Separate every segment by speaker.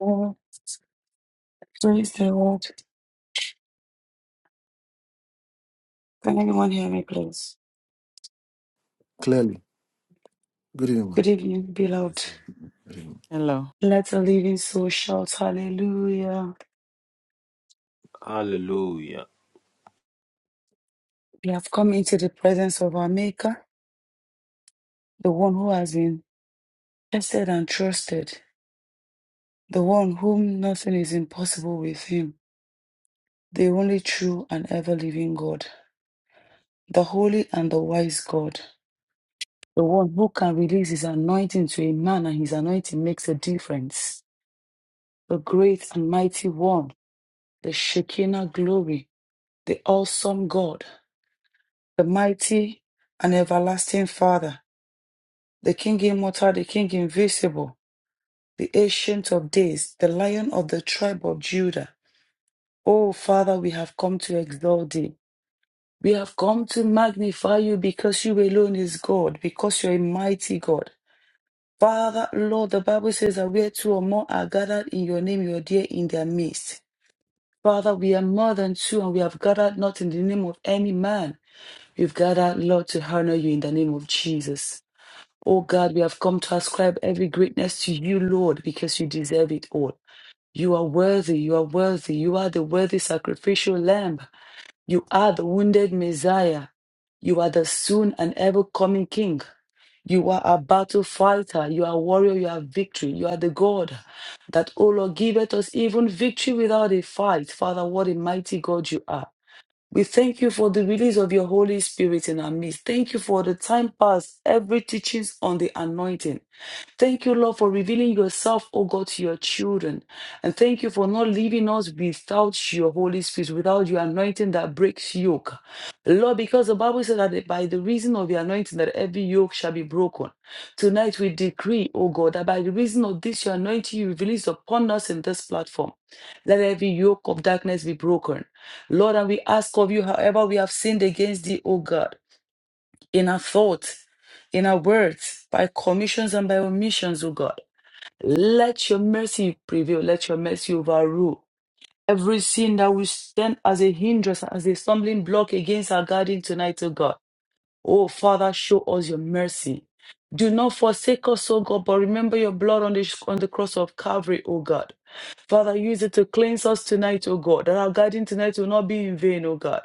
Speaker 1: Oh, praise the Lord. Can anyone hear me, please?
Speaker 2: clearly. Good evening,
Speaker 1: Good
Speaker 2: man.
Speaker 1: evening,
Speaker 3: Yes,
Speaker 1: beloved.
Speaker 3: ma'am.
Speaker 2: Good evening.
Speaker 4: Hello.
Speaker 1: Let the living soul shout hallelujah.
Speaker 3: Hallelujah.
Speaker 1: We have come into the presence of our Maker, the one who has been tested and trusted, the one whom nothing is impossible with him, the only true and ever living God, the holy and the wise God, the one who can release his anointing to a man and his anointing makes a difference, the great and mighty one, the Shekinah glory the awesome God, the mighty and everlasting Father, the King immortal, the King invisible, the Ancient of Days, the Lion of the tribe of Judah. Oh, Father, we have come to exalt thee. We have come to magnify you because you alone is God, because you're a mighty God. Father, Lord, the Bible says that where two or more are gathered in your name, you're there in their midst. Father, we are more than two and we have gathered not in the name of any man We've gathered, Lord, to honor you in the name of Jesus. Oh God, we have come to ascribe every greatness to you, Lord, because you deserve it all. You are worthy, you are worthy, you are the worthy sacrificial lamb. You are the wounded Messiah. You are the soon and ever coming King. You are a battle fighter. You are warrior. You are victory. You are the God that, O Lord, giveth us even victory without a fight. Father, what a mighty God you are. We thank you for the release of your Holy Spirit in our midst. Thank you for the time past, every teachings on the anointing. Thank you, Lord, for revealing yourself, O God, to your children. And thank you for not leaving us without your Holy Spirit, without your anointing that breaks yoke. Lord, because the Bible said that by the reason of your anointing that every yoke shall be broken. Tonight we decree, O God, that by the reason of this your anointing you release upon us in this platform, let every yoke of darkness be broken. Lord, and we ask of you, however, we have sinned against thee, O God, in our thoughts, in our words, by commissions and by omissions, O God. Let your mercy prevail. Let your mercy overrule every sin that will stand as a hindrance, as a stumbling block against our guardian tonight, O God. Oh, Father, show us your mercy. Do not forsake us, O God, but remember your blood on the, on the cross of Calvary, O God. Father, use it to cleanse us tonight, O God, that our guiding tonight will not be in vain, O God.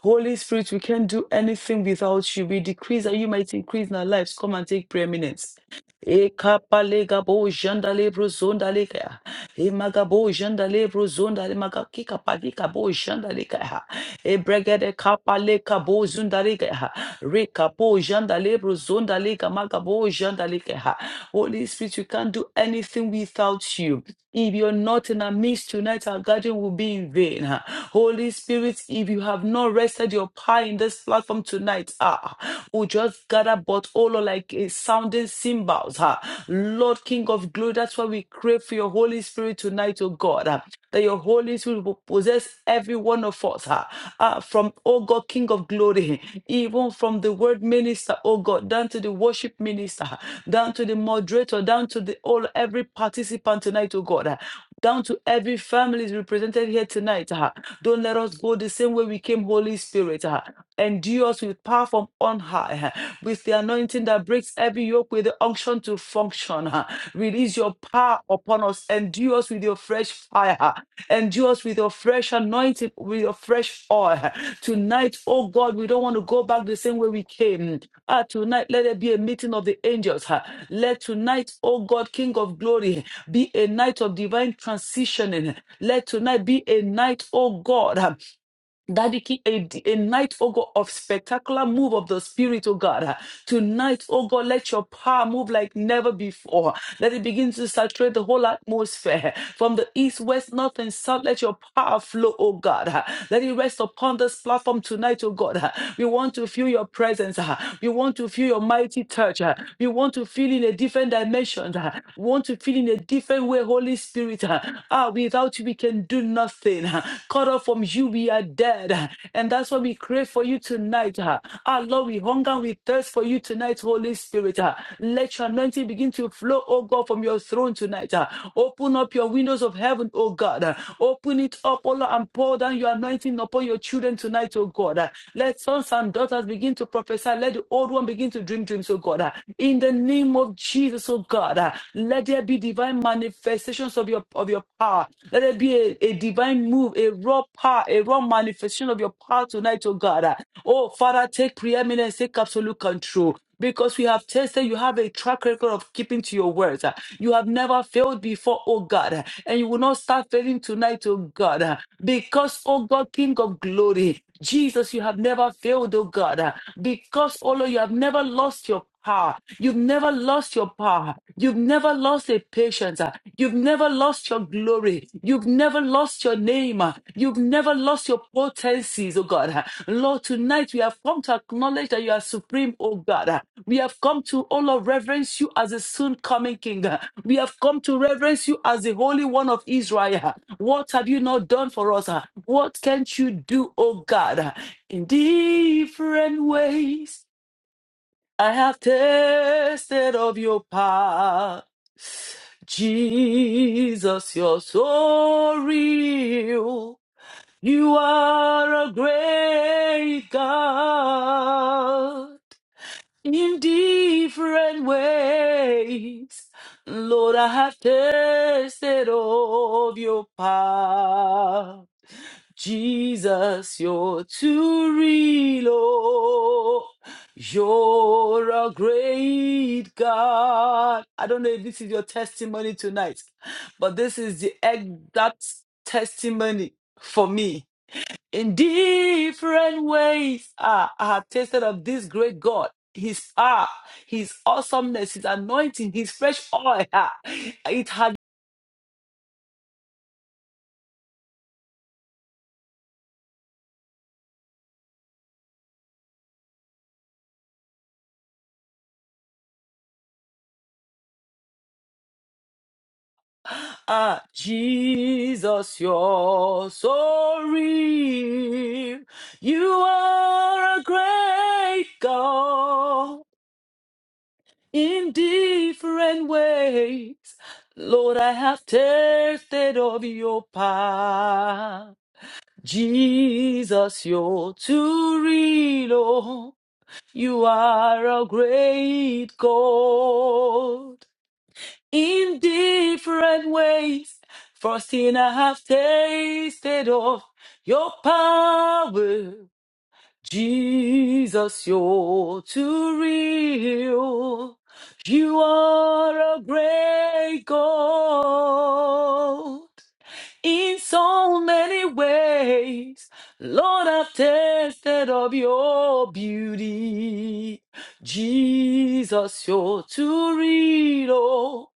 Speaker 1: Holy Spirit, we can't do anything without you. We decrease that you might increase in our lives. Come and take preeminence. Ekapalegabo jandalebro zondaleka. Emagabo jandalebro zondale- magakikapagikabo jandaleka. Ebregede kapalekabo zundaleka. Rekapo jandalebro zondaleka, magabo jandaleka. Holy Spirit, we can't do anything without you. If you're not not in our midst tonight, our gathering will be in vain. ah. Holy Spirit, if you have not rested your power in this platform tonight, ah, we'll just gather but all like a sounding cymbals. ah. Lord King of glory, that's why we crave for your Holy Spirit tonight, oh God. ah, That your Holy Spirit will possess every one of us. ah, ah, from, oh God, King of glory, even from the word minister, oh God, down to the worship minister, down to the moderator, down to the all every participant tonight, oh God. Ah down to every family is represented here tonight. ah. Don't let us go the same way we came, Holy Spirit. ah. Endue us with power from on high, ah, with the anointing that breaks every yoke, with the unction to function. ah. Release your power upon us. Endue us with your fresh fire. ah. Endure us with your fresh anointing, with your fresh oil. Tonight, oh God, we don't want to go back the same way we came. Ah, tonight, let there be a meeting of the angels. ah. Let tonight, oh God, King of glory, be a night of divine transitioning. Let tonight be a night, oh God. ah, that it keep a, d- a night, oh God, of spectacular move of the Spirit, oh God. Ah, Tonight, oh God, let your power move like never before. Let it begin to saturate the whole atmosphere. From the east, west, north, and south, let your power flow, oh God. Ah, Let it rest upon this platform tonight, oh God. Ah, We want to feel your presence. ah. We want to feel your mighty touch. ah. We want to feel in a different dimension. ah. We want to feel in a different way, Holy Spirit. ah. Ah, without you, we can do nothing. Cut off from you, we are dead. And that's why we crave for you tonight. Our Lord, we hunger, and we thirst for you tonight, Holy Spirit. Let your anointing begin to flow, oh God, from your throne tonight. Open up your windows of heaven, oh God. Open it up, oh Lord, and pour down your anointing upon your children tonight, oh God. Let sons and daughters begin to prophesy. Let the old one begin to dream dreams, oh God. In the name of Jesus, oh God, let there be divine manifestation manifestations of your of your power. Let there be a, a divine move, a raw power, a raw manifestation of your power tonight, oh God. Oh Father, take preeminence, take absolute control. Because we have tested, you have a track record of keeping to your words. You have never failed before, oh God. And you will not start failing tonight, oh God. Because, oh God, King of glory, Jesus, you have never failed, oh God. Because, oh Lord, you have never lost your power. You've never lost your power. You've never lost a patience. uh, You've never lost your glory. You've never lost your name. uh, You've never lost your potencies, oh God. uh. Lord, tonight we have come to acknowledge that you are supreme, oh God. uh. We have come to, oh Lord, reverence you as a soon coming king. uh. We have come to reverence you as the Holy One of Israel. uh. What have you not done for us? uh? What can't you do, oh God? uh, In different ways. I have tasted of your power. Jesus, you're so real. You are a great God in different ways. Lord, I have tasted of your power. Jesus, you're too real. oh. You're a great God. I don't know if this is your testimony tonight, but this is the exact testimony for me. In different ways, ah, I have tasted of this great God. His ah, His awesomeness, His anointing, His fresh oil. ah. It has Ah, Jesus, you're so real. You are a great God in different ways. Lord, I have tasted of your power. Jesus, you're too real. oh. You are a great God in different ways. for thing I have tasted of your power, Jesus, you're too real. You are a great God in so many ways. Lord, I've tasted of your beauty. Jesus, you're too real. oh.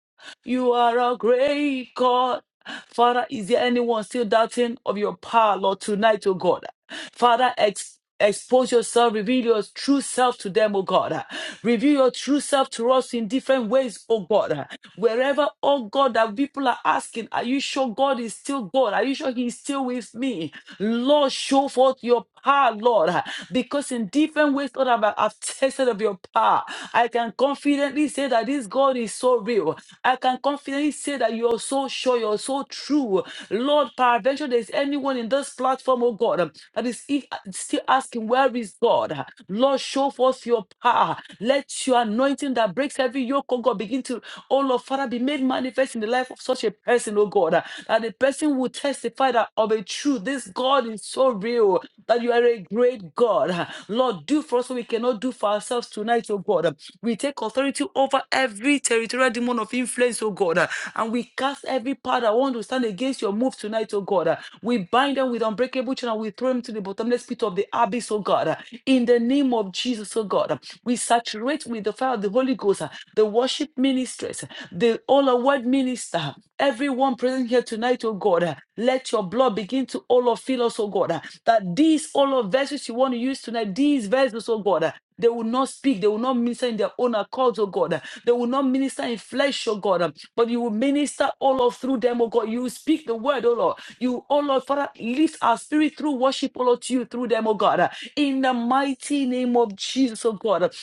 Speaker 1: You are a great God. Father, is there anyone still doubting of your power, Lord, tonight, oh God? Father, ex- expose yourself, reveal your true self to them, oh God. Reveal your true self to us in different ways, oh God. Wherever, oh God, that people are asking, are you sure God is still God? Are you sure He is still with me? Lord, show forth your power, Lord, because in different ways, Lord, I've, I've tested of your power. I can confidently say that this God is so real. I can confidently say that you're so sure, you're so true. Lord, peradventure, there's anyone in this platform, oh God, that is e- still asking, where is God? Lord, show forth your power. Let your anointing that breaks every yoke, oh God, begin to Oh Lord, Father, be made manifest in the life of such a person, oh God, uh, that the person will testify that of a truth. This God is so real that you are a great God. uh. Lord, do for us what we cannot do for ourselves tonight, oh God. uh. We take authority over every territorial demon of influence, oh God, uh, and we cast every power that want to stand against your move tonight, oh God. uh. We bind them with unbreakable chain and we throw them to the bottomless pit of the abyss, oh God. uh, In the name of Jesus, oh God. We saturate with the fire of the Holy Ghost, uh, the worship ministers, uh, the all our word minister, uh, everyone present here tonight, oh God. uh, Let your blood begin to all of fill us, oh God. uh, That these all of vessels you want to use tonight, these vessels, oh God, uh, they will not speak. They will not minister in their own accord, oh God. They will not minister in flesh, oh God. But you will minister, all Lord, through them, oh God. You will speak the word, oh Lord. You, oh Lord, Father, lift our spirit through worship, oh Lord, to you, through them, oh God. In the mighty name of Jesus, oh God.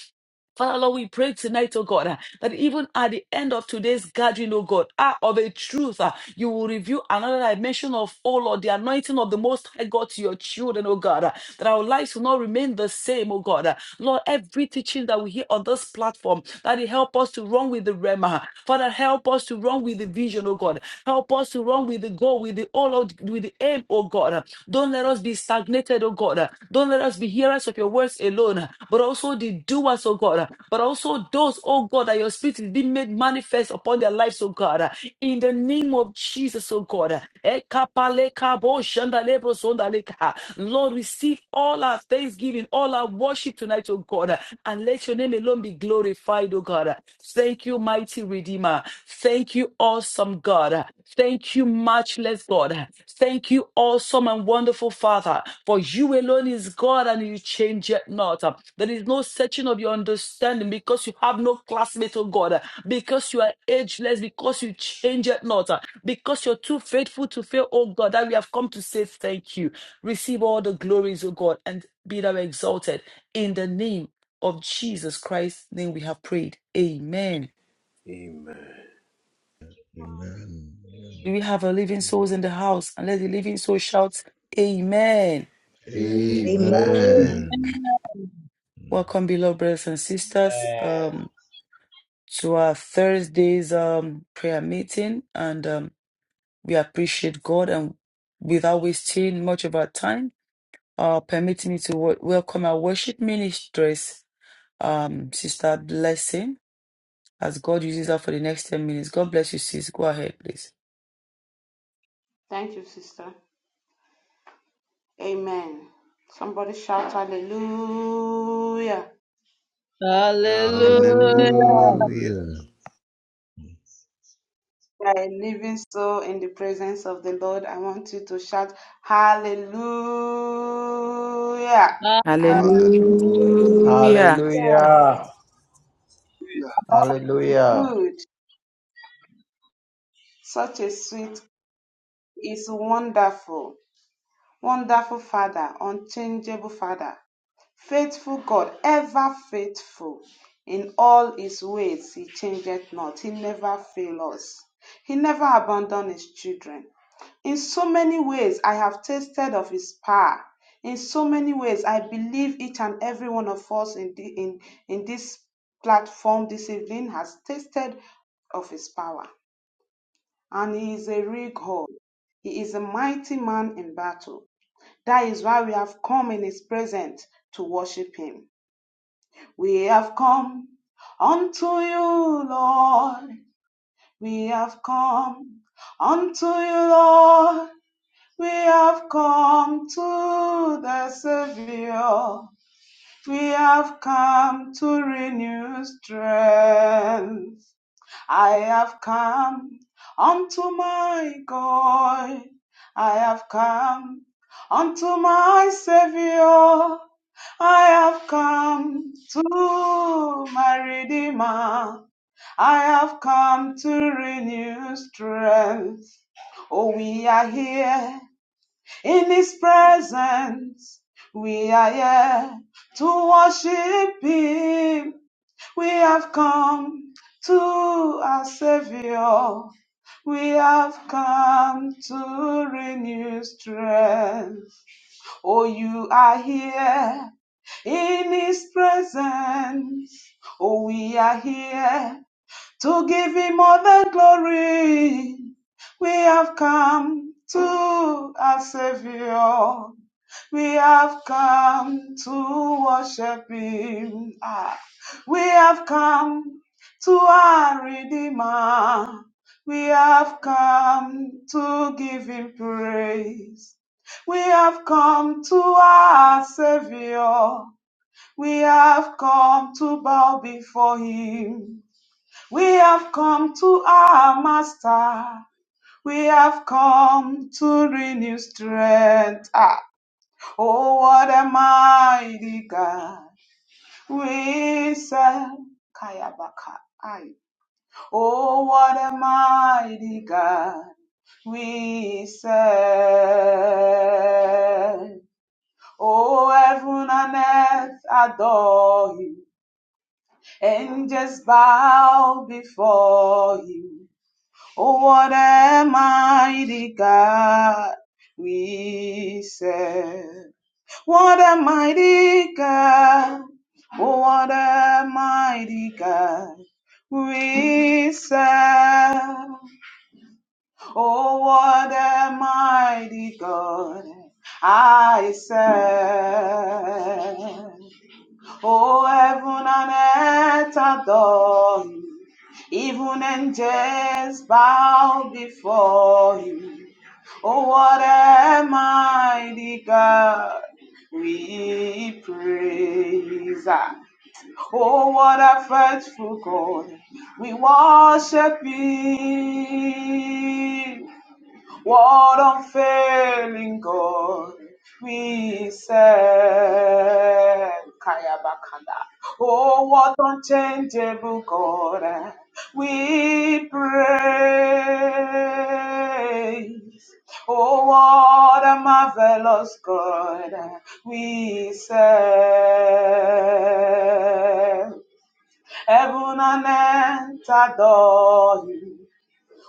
Speaker 1: Father Lord, we pray tonight, oh God, uh, that even at the end of today's gathering, oh God, ah, of a truth, uh, you will reveal another dimension of, oh Lord, the anointing of the Most High God to your children, oh God, uh, that our lives will not remain the same, oh God. uh. Lord, every teaching that we hear on this platform, that it help us to run with the Rema. ah. Father, help us to run with the vision, oh God. Help us to run with the goal, with the, oh Lord, with the the aim, oh God. Don't let us be stagnated, oh God. Don't let us be hearers of your words alone, but also the doers, oh God. But also those, oh God, that your spirit is being made manifest upon their lives, oh God. In the name of Jesus, oh God. Lord, receive all our thanksgiving, all our worship tonight, oh God. And let your name alone be glorified, oh God you, God. Thank you, mighty Redeemer. Thank you, awesome God. Thank you, matchless God. Thank you, awesome and wonderful Father. For you alone is God and you change it not. There is no searching of your understanding because you have no classmate, oh God. Because you are ageless, because you change it not. Because you're too faithful to fail, oh God, that we have come to say thank you. Receive all the glories, oh God, and be thou exalted in the name of Jesus Christ's name we have prayed. Amen.
Speaker 3: Amen.
Speaker 2: Amen.
Speaker 1: Do we have a living souls in the house? And let the living soul shout, Amen.
Speaker 5: Amen.
Speaker 3: Amen.
Speaker 2: Amen.
Speaker 6: Amen.
Speaker 1: Welcome, beloved brothers and sisters, um, to our Thursday's um, prayer meeting. And um, we appreciate God and without wasting much of our time, uh, permitting me to w- welcome our worship ministress, um, Sister Blessing, as God uses her for the next 10 minutes. God bless you, sis. Go ahead, please.
Speaker 7: Thank you, sister. Amen. Somebody shout hallelujah.
Speaker 6: Hallelujah.
Speaker 5: Hallelujah.
Speaker 3: Hallelujah.
Speaker 2: Hallelujah.
Speaker 7: You are a living soul in the presence of the Lord. I want you to shout hallelujah. Aye.
Speaker 4: Hallelujah.
Speaker 3: Hallelujah.
Speaker 5: Yeah.
Speaker 8: Hallelujah. Hallelujah.
Speaker 7: Good. Such a sweet is wonderful. Wonderful Father, unchangeable Father. Faithful God, ever faithful. In all his ways, he changeth not. He never fails us. He never abandons his children. In so many ways, I have tasted of his power. In so many ways, I believe each and every one of us in, the, in, in this platform this evening has tasted of his power. And he is a real God. He is a mighty man in battle. That is why we have come in his presence to worship him. We have come unto you, Lord. We have come unto you, Lord. We have come to the Savior. We have come to renew strength. I have come unto my God. I have come unto my Savior. I have come to my Redeemer. I have come to renew strength. Oh, we are here in His presence. We are here to worship Him. We have come to our Savior. We have come to renew strength. Oh, you are here in His presence, oh, we are here to give Him all the glory. We have come to our Savior. We have come to worship Him. Ah, we have come to our Redeemer. We have come to give Him praise. We have come to our Savior. We have come to bow before him. We have come to our master. We have come to renew strength. Ah, oh, what a mighty God we serve. Kayabaka. Aye. Oh, what a mighty God we serve. Oh, heaven and earth adore him. Angels bow before you. Oh, what a mighty God we serve. What a mighty God. Oh, what a mighty God we serve. Oh, what a mighty God I serve. Oh, heaven and earth adore you. Even angels bow before him. Oh, what a mighty God we praise. Ah, Oh, what a faithful God we worship Him. What unfailing God we serve. Kayabakanda. Oh, what unchangeable God we praise. Oh, what a marvelous God we serve. Heaven and earth adore you.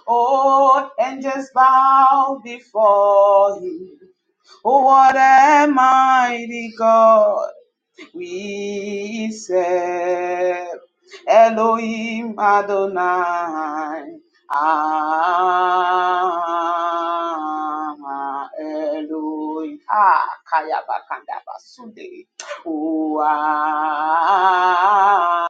Speaker 7: Oh, angels bow before him. Oh, What a mighty God we serve Elohim Adonai. Ah, Elohim. Ah, Kaya Bakanda Basude. Oh, ah,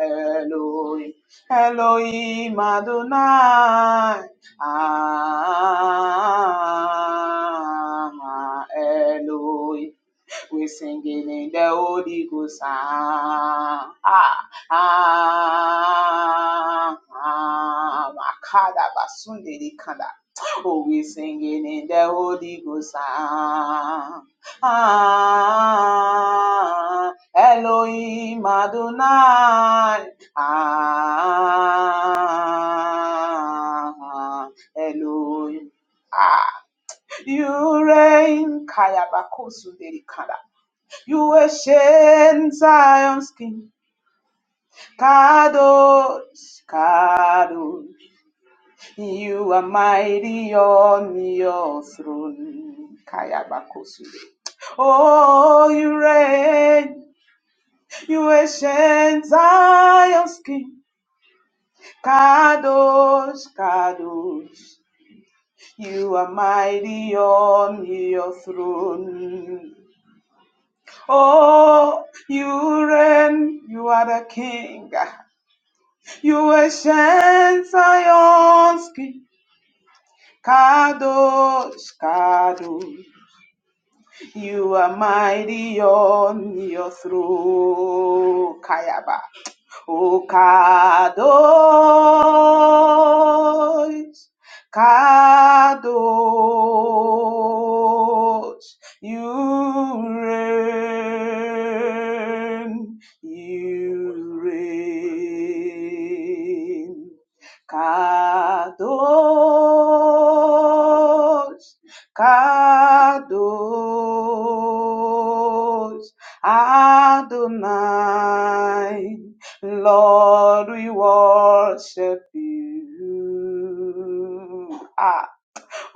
Speaker 7: Elohim. Elohim Adonai. Ah, Elohim. We're singing in the Holy Ghost. Ah, ah, ah, ah. Makada basunde likanda. Oh, we're singing in the Holy Ghost. Ah, ah, Elohim Adonai. Ah, Elohim. Ah, you reign. Kaya bakosunde likanda. You ancient Zion's King, Kadosh, Kadosh. You are mighty on your throne. Kayabakosule. Oh, you reign, you ancient Zion's King, Kadosh, Kadosh. You are mighty on your throne. Oh, you reign, you are the King. Yuen Zionski, Kadosh, Kadosh, you are mighty on your throne. Kayaba. Kadosh, Kadosh, you reign, you reign, Kadosh, Kadosh, Adonai. Lord, we worship you. Ah.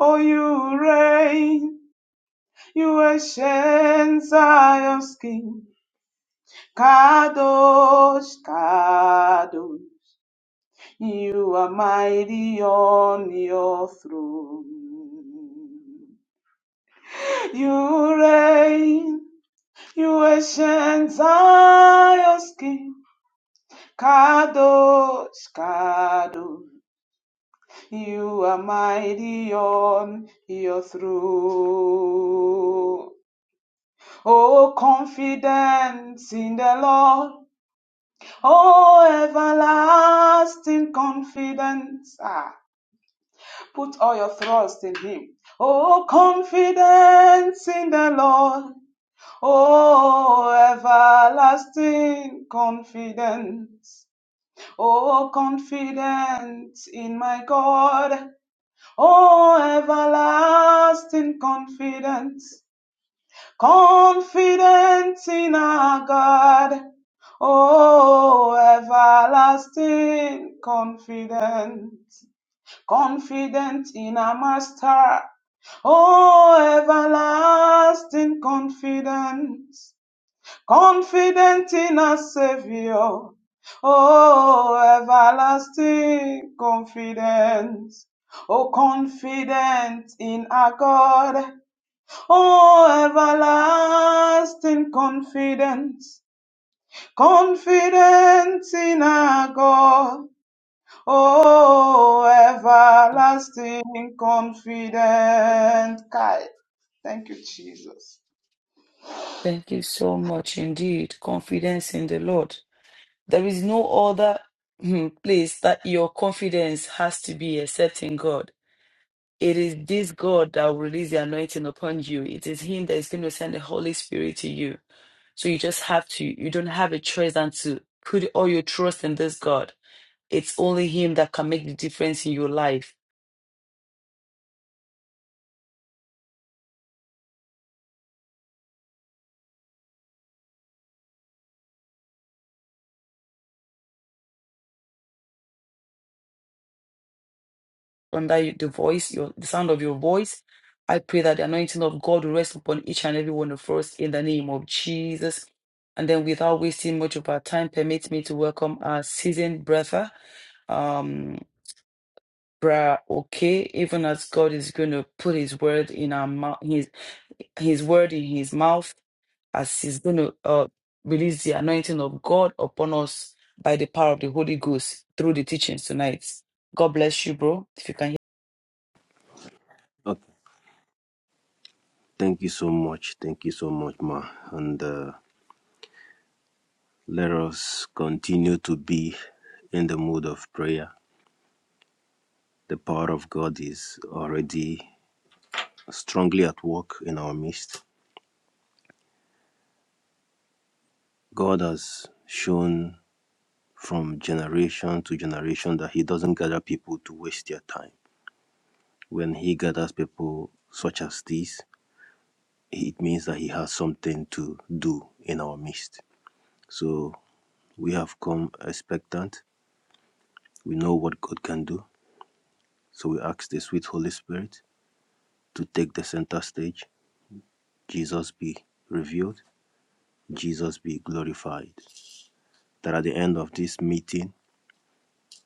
Speaker 7: Oh, you reign, you ancient Zion's king. Kadosh, Kadosh, you are mighty on your throne. You reign, you ancient Zion's king. Kadosh, Kadosh. You are mighty on your throne. Oh, confidence in the Lord. Oh, everlasting confidence. Ah, put all your trust in Him. Oh, confidence in the Lord. Oh, everlasting confidence. Oh, confidence in my God. Oh, everlasting confidence, confidence in our God. Oh, everlasting confidence, confidence in our Master. Oh, everlasting confidence confident in a Savior. Oh, everlasting confidence. Oh, confident in our God. Oh, everlasting confidence. Confident in our God. Oh, everlasting confident. Kai. Thank you, Jesus.
Speaker 1: Thank you so much indeed. Confidence in the Lord. There is no other hmm, place that your confidence has to be except in God. It is this God that will release the anointing upon you. It is Him that is going to send the Holy Spirit to you. So you just have to, you don't have a choice than to put all your trust in this God. It's only Him that can make the difference in your life. under the voice, your the sound of your voice. I pray that the anointing of God will rest upon each and every one of us in the name of Jesus. And then, without wasting much of our time, permit me to welcome our seasoned brother, um, Bra Okay, even as God is going to put His word in our mouth, His His word in His mouth, as He's going to uh, release the anointing of God upon us by the power of the Holy Ghost through the teachings tonight. God bless you, bro. If you can.
Speaker 3: Okay. Thank you so much. Thank you so much, Ma. And uh, let us continue to be in the mood of prayer. The power of God is already strongly at work in our midst. God has shown from generation to generation that He doesn't gather people to waste their time. When he gathers people such as these, it means that he has something to do in our midst. So we have come expectant. We know what God can do. So we ask the sweet Holy Spirit to take the center stage. Jesus be revealed. Jesus be glorified. That at the end of this meeting,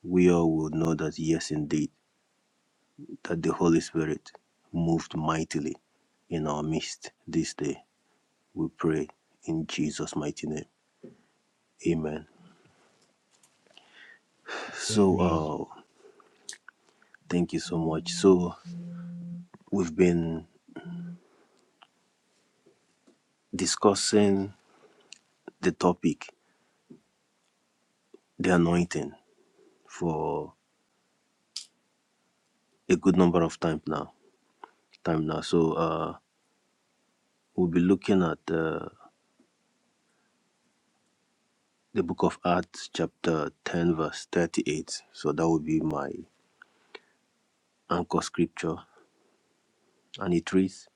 Speaker 3: we all will know that yes, indeed, that the Holy Spirit moved mightily in our midst this day. We pray in Jesus' mighty name. Amen. So,
Speaker 2: Amen.
Speaker 3: uh, thank you so much. So, we've been discussing the topic, the anointing, for a good number of time now. Time now. So, uh, we'll be looking at uh, the book of Acts, chapter 10, verse 38. So, that will be my anchor scripture. And it reads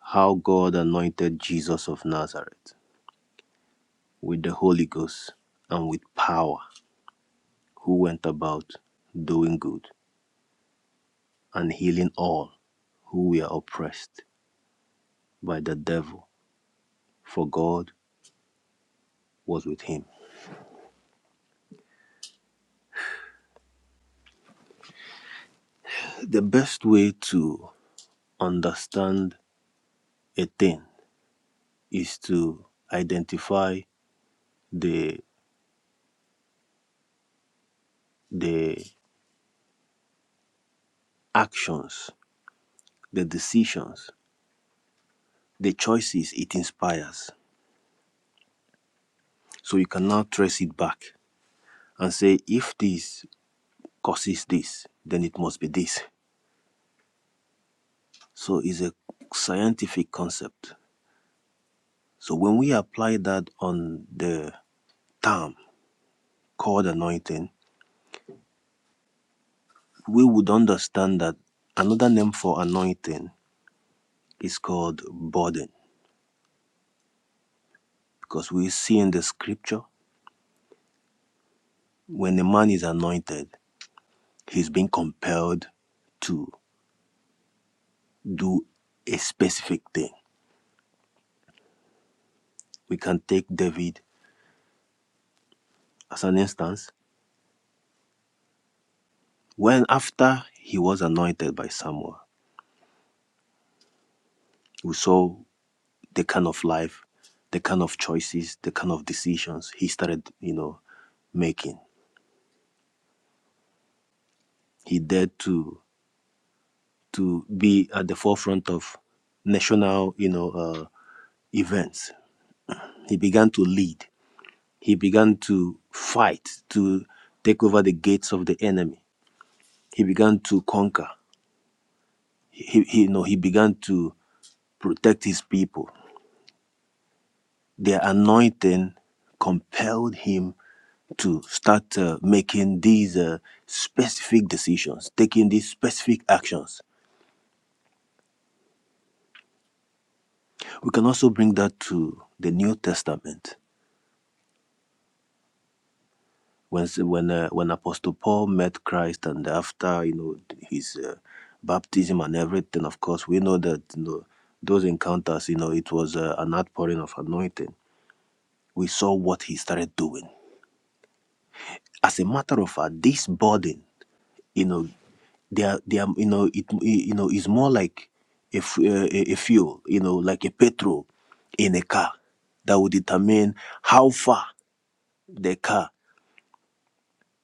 Speaker 3: How God anointed Jesus of Nazareth with the Holy Ghost and with power, who went about doing good and healing all who were oppressed by the devil, for God was with him. The best way to understand a thing is to identify the the actions, the decisions, the choices it inspires. So you can now trace it back and say if this causes this, then it must be this. So it's a scientific concept. So when we apply that on the term called anointing, we would understand that another name for anointing is called burden because we see in the scripture when a man is anointed he's being compelled to do a specific thing we can take david as an instance when after he was anointed by samuel we saw the kind of life the kind of choices the kind of decisions he started you know making he dared to to be at the forefront of national, you know, uh, events. He began to lead. He began to fight to take over the gates of the enemy. He began to conquer. He, he you know, he began to protect his people. Their anointing compelled him to start uh, making these uh, specific decisions, taking these specific actions. We can also bring that to the New Testament. when when uh, when Apostle Paul met Christ and after you know his uh, baptism and everything, of course we know that you know those encounters, you know, it was uh, an outpouring of anointing. We saw what he started doing. As a matter of fact, this burden, you know, they are they are you know it you know is more like a, f- uh, a a fuel, you know, like a petrol in a car that will determine how far the car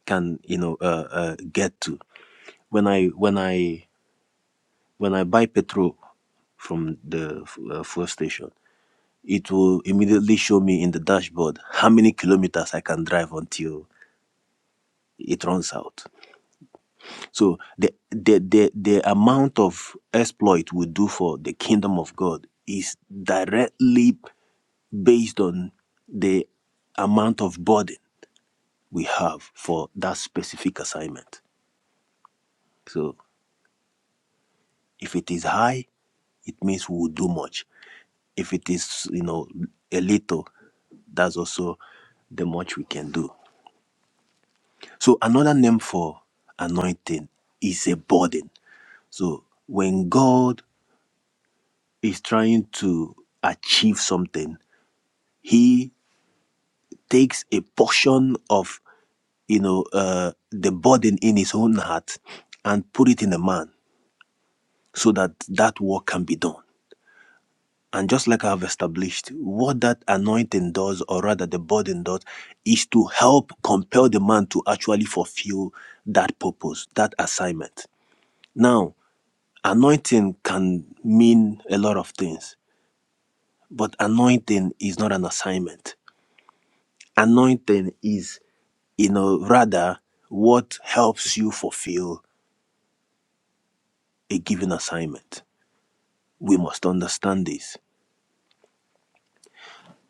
Speaker 3: can you know uh, uh, get to when i when i When I buy petrol from the uh, fuel station, it will immediately show me in the dashboard how many kilometers I can drive until it runs out. So the the the, the amount of exploit we do for the kingdom of God is directly based on the amount of burden we have for that specific assignment. So if it is high, it means we will do much. if it is you know a little that's also the much we can do so another name for anointing is a burden so when god is trying to achieve something he takes a portion of you know uh, the burden in his own heart and put it in a man so that that work can be done And just like I've established, what that anointing does, or rather the burden does, is to help compel the man to actually fulfill that purpose, that assignment. Now, anointing can mean a lot of things, but anointing is not an assignment. Anointing is, you know, rather what helps you fulfill a given assignment. We must understand this.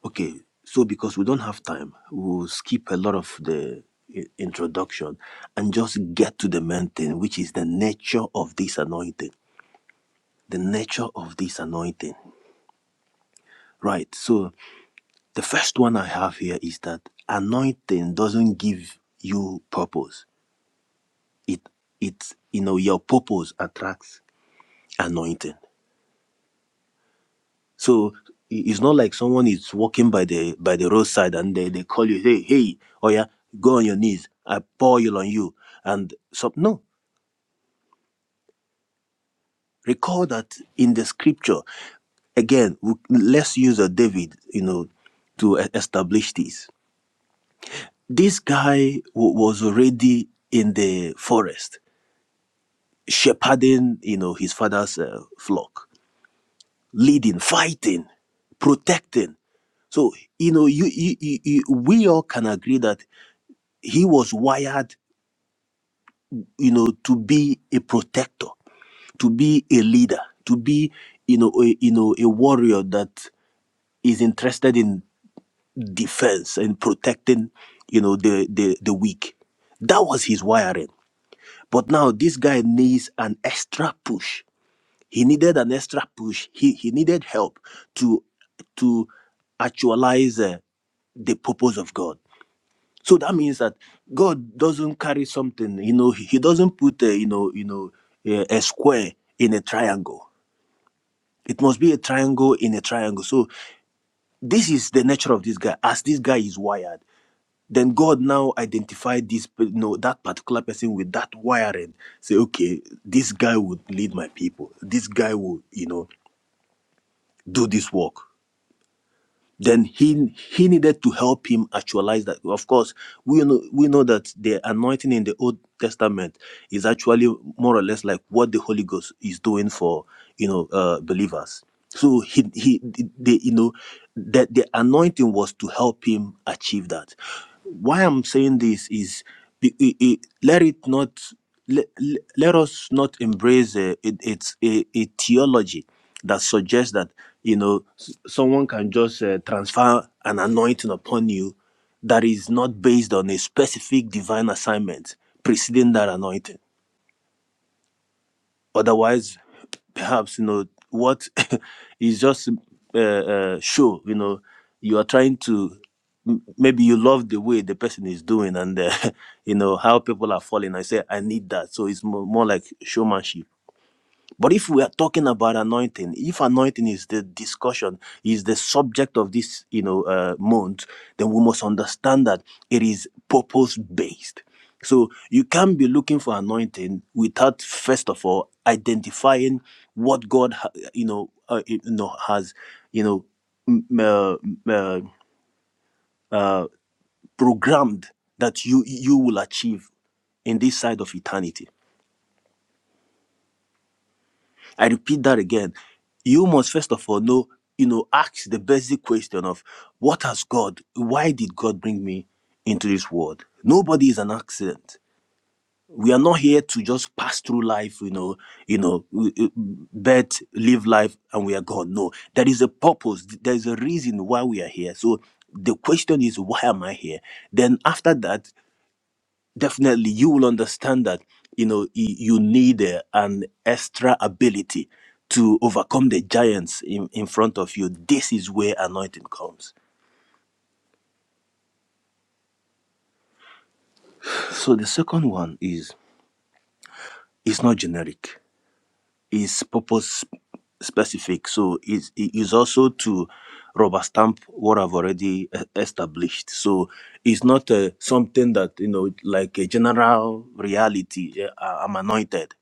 Speaker 3: Okay, so because we don't have time, we'll skip a lot of the i- introduction and just get to the main thing, which is the nature of this anointing. The nature of this anointing. Right, so the first one I have here is that anointing doesn't give you purpose. It, it, you know, your purpose attracts anointing So i- it's not like someone is walking by the by the roadside and they, they call you, hey, hey, oh yeah, go on your knees. I pour oil on you. And so no. Recall that in the scripture, again, w- let's use a David, you know, to e- establish this. This guy w- was already in the forest, shepherding, you know, his father's uh, flock, leading, fighting, protecting. So, you know, you, you, you, you, we all can agree that he was wired you know to be a protector to be a leader to be you know a, you know a warrior that is interested in defense and protecting you know the the, the weak that was his wiring but now this guy needs an extra push he needed an extra push he he needed help to to actualize uh, the purpose of god So that means that God doesn't carry something, you know, He He doesn't put a, you know, you know, a, a square in a triangle. It must be a triangle in a triangle. So this is the nature of this guy. As this guy is wired, then God now identified this, pe- you know, that particular person with that wiring. Say, okay, this guy would lead my people. This guy will, you know, do this work. then he he needed to help him actualize that of course we know we know that the anointing in the old testament is actually more or less like what the holy ghost is doing for you know uh believers so he he they you know that the anointing was to help him achieve that why i'm saying this is be- i- i- let it not let, let us not embrace a, it, it's a, a theology that suggests that you know s- someone can just uh, transfer an anointing upon you that is not based on a specific divine assignment preceding that anointing otherwise perhaps you know what is just uh, uh, show you know you are trying to m- maybe you love the way the person is doing and uh, you know how people are falling i say i need that so it's mo- more like showmanship but if we are talking about anointing, if anointing is the discussion, is the subject of this, you know, uh, month, then we must understand that it is purpose based. So you can't be looking for anointing without first of all identifying what God, ha- you know, uh, you know has, you know, m- uh, m- uh, uh, programmed that you you will achieve in this side of eternity. I repeat that again. You must first of all know, you know, ask the basic question of what has God, why did God bring me into this world? Nobody is an accident. We are not here to just pass through life, you know, you know, w- w- bet, live life, and we are gone. No, there is a purpose. There is a reason why we are here. So the question is, why am I here? Then after that, definitely you will understand that you know y- you need uh, an extra ability to overcome the giants in, in front of you this is where anointing comes so the second one is it's not generic it's purpose specific so it's, it is also to rubber stamp what i've already uh, established so it's not uh, something that you know like a general reality uh, i'm anointed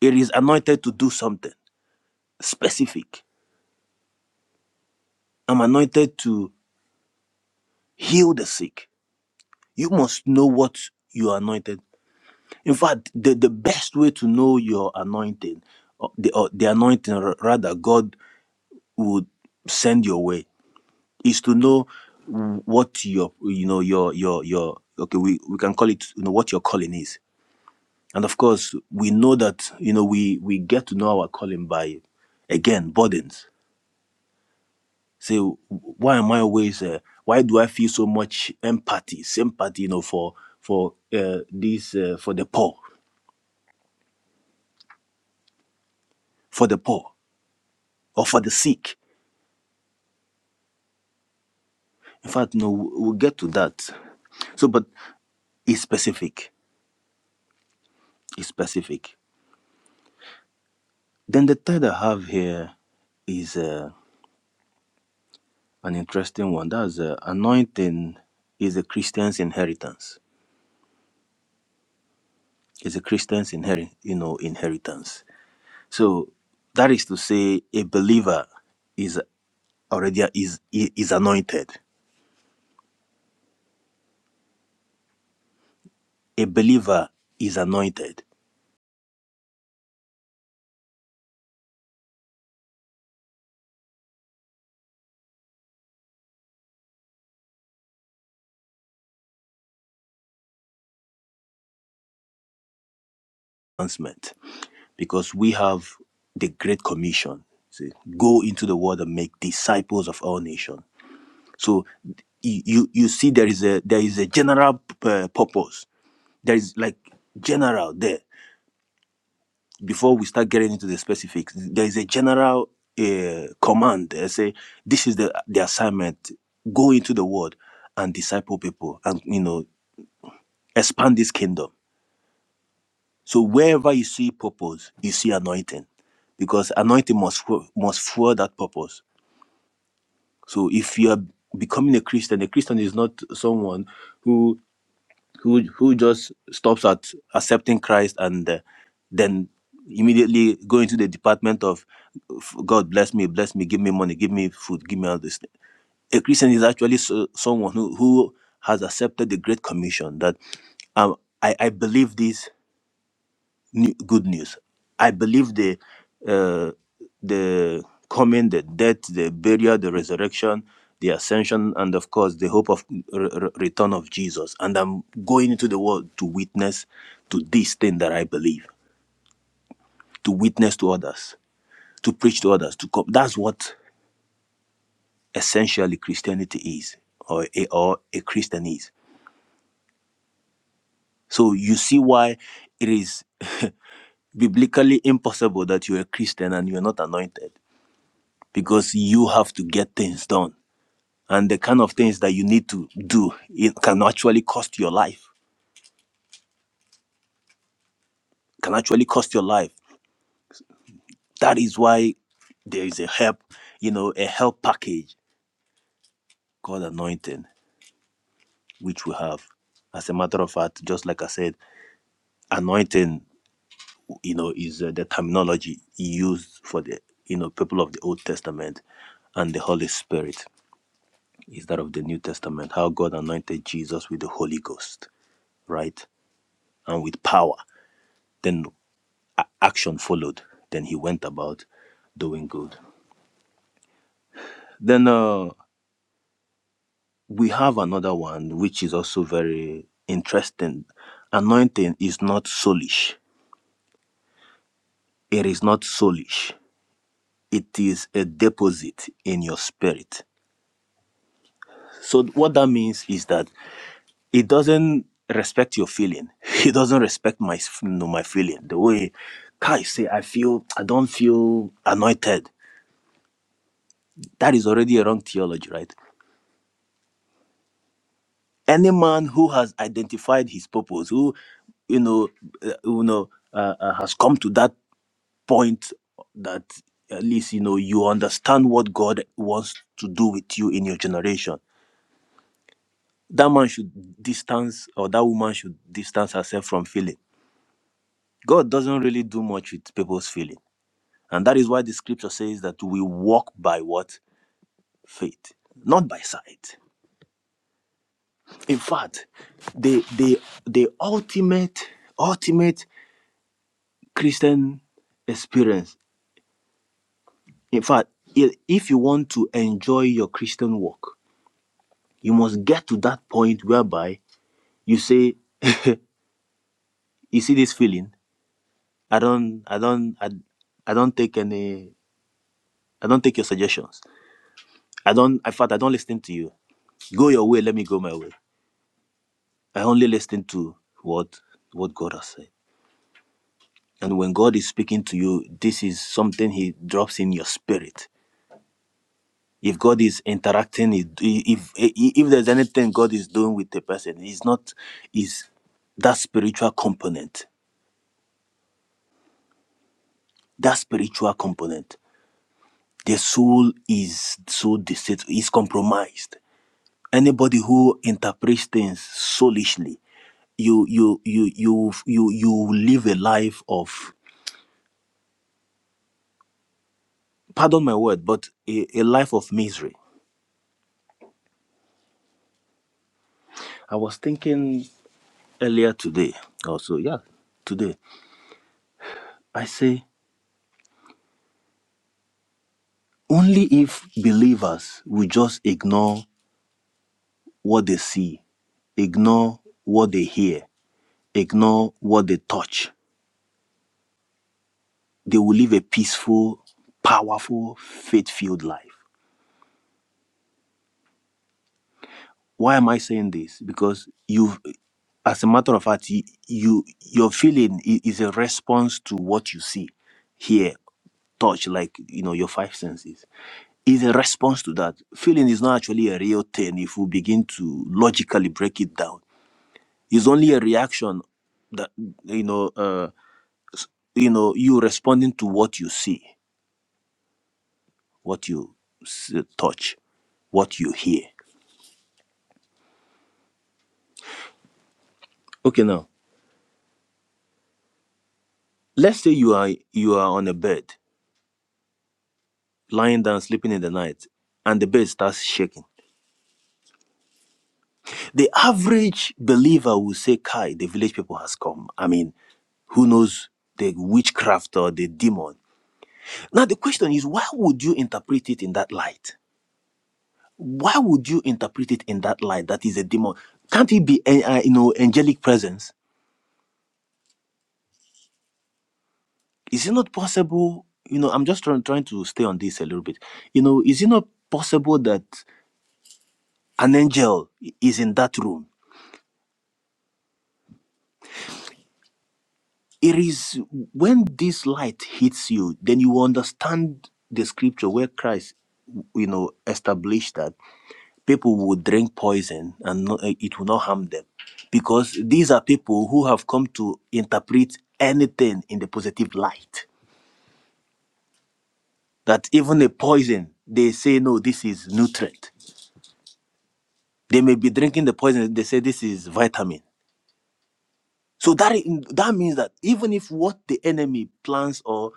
Speaker 3: it is anointed to do something specific I'm anointed to heal the sick. You must know what you are anointed. In fact, the, the best way to know your anointing, or the, or the anointing ra- rather God would send your way, is to know what your you know your your your okay we, we can call it you know what your calling is. And of course, we know that you know we we get to know our calling by again burdens Say, why am I always? Uh, why do I feel so much empathy, sympathy, you know, for for uh, these uh, for the poor, for the poor, or for the sick? In fact, no, we'll get to that. So, but it's specific. It's specific. Then the third I have here is uh, an interesting one. That's uh, anointing is a Christian's inheritance. Is a Christian's inherit, you know, inheritance. So that is to say, a believer is. already is is anointed. A believer is anointed. Announcement, because we have the great commission. See, go into the world and make disciples of all nations. So you you you see there is a there is a general uh, purpose. There is like general there. Before we start getting into the specifics, there is a general uh, command. I say this is the the assignment. Go into the world and disciple people, and you know expand this kingdom So wherever you see purpose, you see anointing, because anointing must fu- must fuel that purpose. So if you are becoming a Christian, a Christian is not someone who who who just stops at accepting Christ and uh, then immediately go into the department of God bless me, bless me, give me money, give me food, give me all this. A Christian is actually so, someone who who has accepted the Great Commission that um, I, I believe this new, good news. I believe the uh, the coming, the death, the burial, the resurrection, the ascension, and of course the hope of re- re- return of Jesus. And I'm going into the world to witness to this thing that I believe, to witness to others, to preach to others. To come. That's what essentially Christianity is, or a, or a Christian is. So you see why it is biblically impossible that you're a Christian and you're not anointed because you have to get things done. And the kind of things that you need to do, it can actually cost your life, can actually cost your life. That is why there is a help, you know, a help package called anointing, which we have. As a matter of fact, just like I said, anointing, you know, is uh, the terminology used for the, you know, people of the Old Testament and the Holy Spirit is that of the New Testament, how God anointed Jesus with the Holy Ghost, right? And with power. Then a- action followed. Then he went about doing good. Then uh, we have another one which is also very interesting. Anointing is not soulish. It is not soulish. It is a deposit in your spirit. So what that means is that it doesn't respect your feeling. It doesn't respect my s- no, my feeling. The way Kai say I feel I don't feel anointed. That is already a wrong theology, right? Any man who has identified his purpose, who you know, uh, you know, uh, uh, has come to that point that at least you know you understand what God wants to do with you in your generation. That man should distance, or that woman should distance herself from feeling. God doesn't really do much with people's feeling, and that is why the Scripture says that we walk by what faith, not by sight. In fact, the the the ultimate ultimate Christian experience. In fact, i- if you want to enjoy your Christian walk, you must get to that point whereby you say, "You see this feeling? I don't, I don't, I, I don't take any, I don't take your suggestions. I don't. In fact, I don't listen to you. Go your way. Let me go my way. I only listen to what what God has said. And when God is speaking to you, this is something He drops in your spirit. if god is interacting if if, if there's anything god is doing with the person it's not is that spiritual component that spiritual component the soul is so deceitful is compromised anybody who interprets things soulishly you you you you you you live a life of pardon my word but a, a life of misery i was thinking earlier today also yeah today i say Only if believers will just ignore what they see, ignore what they hear, ignore what they touch, they will live a peaceful, powerful, faith filled life. Why am I saying this? Because you, as a matter of fact, you, you your feeling i- is a response to what you see, hear, touch, like you know your five senses is a response to that. Feeling is not actually a real thing if we begin to logically break it down. It's only a reaction that you know, uh, you know, you responding to what you see, what you s- touch, what you hear. Okay, now let's say you are you are on a bed, lying down, sleeping in the night, and the bed starts shaking. The average believer will say, "Kai, the village people has come." I mean, who knows the witchcraft or the demon? Now the question is, why would you interpret it in that light? Why would you interpret it in that light? That is a demon. Can't it be, eh, uh, you know, angelic presence? Is it not possible? You know, I'm just trying trying to stay on this a little bit. You know, is it not possible that an angel i- is in that room? It is when this light hits you, then you understand the scripture where Christ, you know, established that. people will drink poison and no, eh, it will not harm them because these are people who have come to interpret anything in the positive light that even a poison they say no this is nutrient they may be drinking the poison they say this is vitamin so that i- that means that even if what the enemy plans or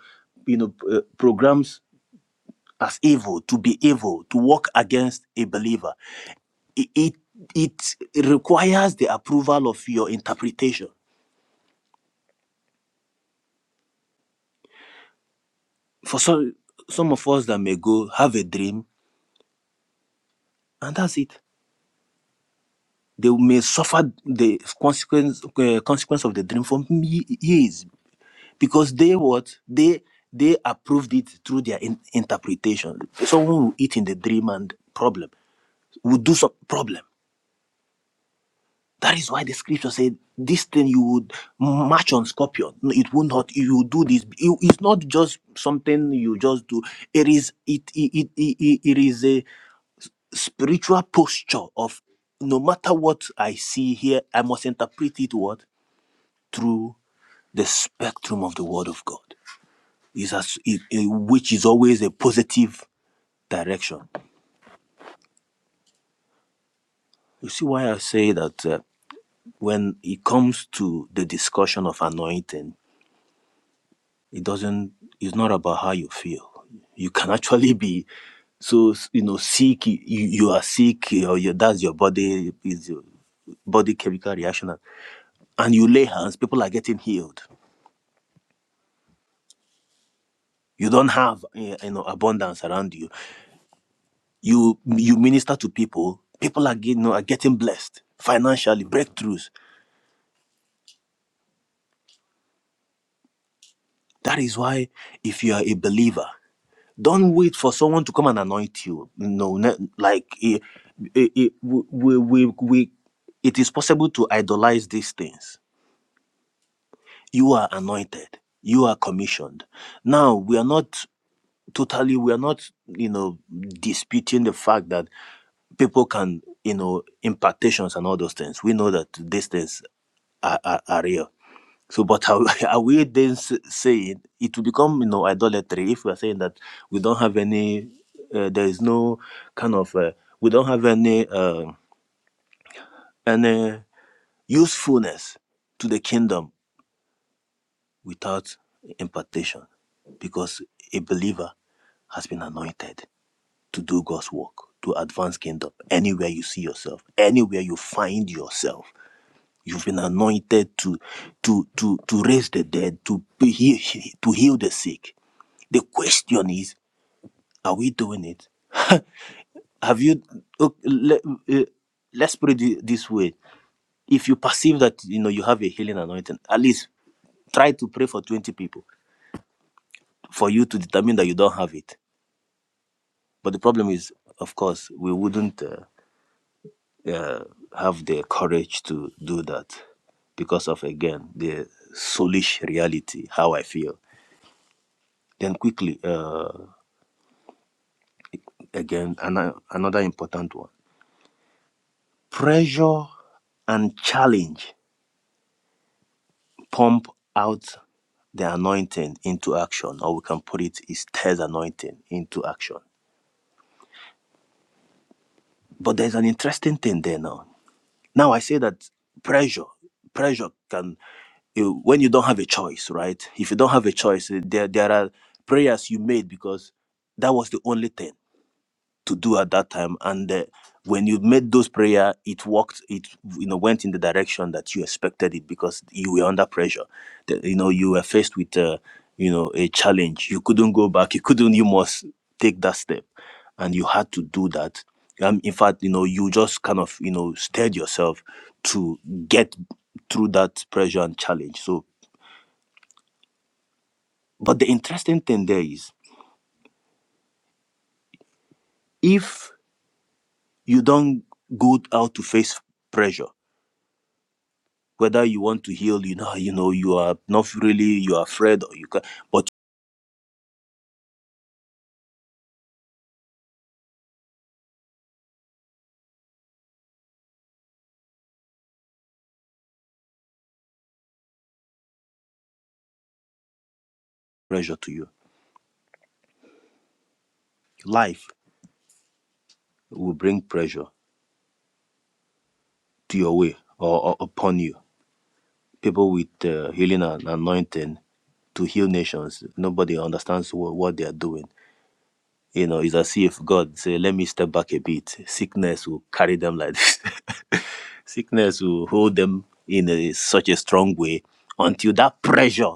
Speaker 3: you know p- eh, programs as evil to be evil to work against a believer it it, it requires the approval of your interpretation For some, some of us that may go have a dream, and that's it. They may suffer the consequence uh, consequence of the dream for ye- years because they what they they approved it through their in- interpretation. Someone will eat in the dream and problem will do some problem. That is why the scripture said this thing you would march on scorpion. No, It will not. You will do this. You- It's not just something you just do. It is it it it, it, it is a spiritual posture of no matter what I see here, I must interpret it what through the spectrum of the Word of God, is as it, it- which is always a positive direction. You see why I say that uh, when it comes to the discussion of anointing, it doesn't. It's not about how you feel. You can actually be so you know sick. You, you are sick, or your, that's your body is your body chemical reaction. and you lay hands, people are getting healed. You don't have eh, you know abundance around you. You you minister to people, people are getting, you know, are getting blessed financially, breakthroughs. That is why if you are a believer, don't wait for someone to come and anoint you. No, ne- like eh, eh, eh, we, we, we, we, it is possible to idolize these things. You are anointed. You are commissioned. Now we are not totally. We are not you know disputing the fact that. people can, you know, impartations and all those things. We know that these things are, are, are real. So, but are, are we then s- saying it will become, you know, idolatry if we are saying that we don't have any, uh, there is no kind of, uh, we don't have any, uh, any usefulness to the kingdom without impartation, because a believer has been anointed to do God's work, to advance kingdom. Anywhere you see yourself, anywhere you find yourself You've been anointed to to to to raise the dead, to be heal, to heal the sick. The question is, are we doing it? Have you? ok, Let, uh, let's put it thi- this way: If you perceive that you know you have a healing anointing, at least try to pray for 20 people for you to determine that you don't have it. But the problem is, of course, we wouldn't uh, uh, have the courage to do that because of, again, the soulish reality, how I feel. Then quickly, uh, again, an- another important one. Pressure and challenge pump out the anointing into action, or we can put it is tears anointing into action. But there's an interesting thing there now. Now I say that pressure, pressure can you- when you don't have a choice, right? If you don't have a choice, there there are prayers you made because that was the only thing. to do at that time and uh, when you made those prayer it worked it you know went in the direction that you expected it because you were under pressure The- you know you were faced with uh, you know a challenge you couldn't go back you couldn't you must take that step and you had to do that um, in fact you know you just kind of you know steered yourself to get through that pressure and challenge so but the interesting thing there is if you don't go out to face pressure whether you want to heal you know you know you are not really you are afraid or you can but pressure to you life will bring pressure to your way or, or upon you people with uh, healing and anointing to heal nations nobody understands what, what they are doing you know it's as if god say let me step back a bit sickness will carry them like this sickness will hold them in a, such a strong way until that pressure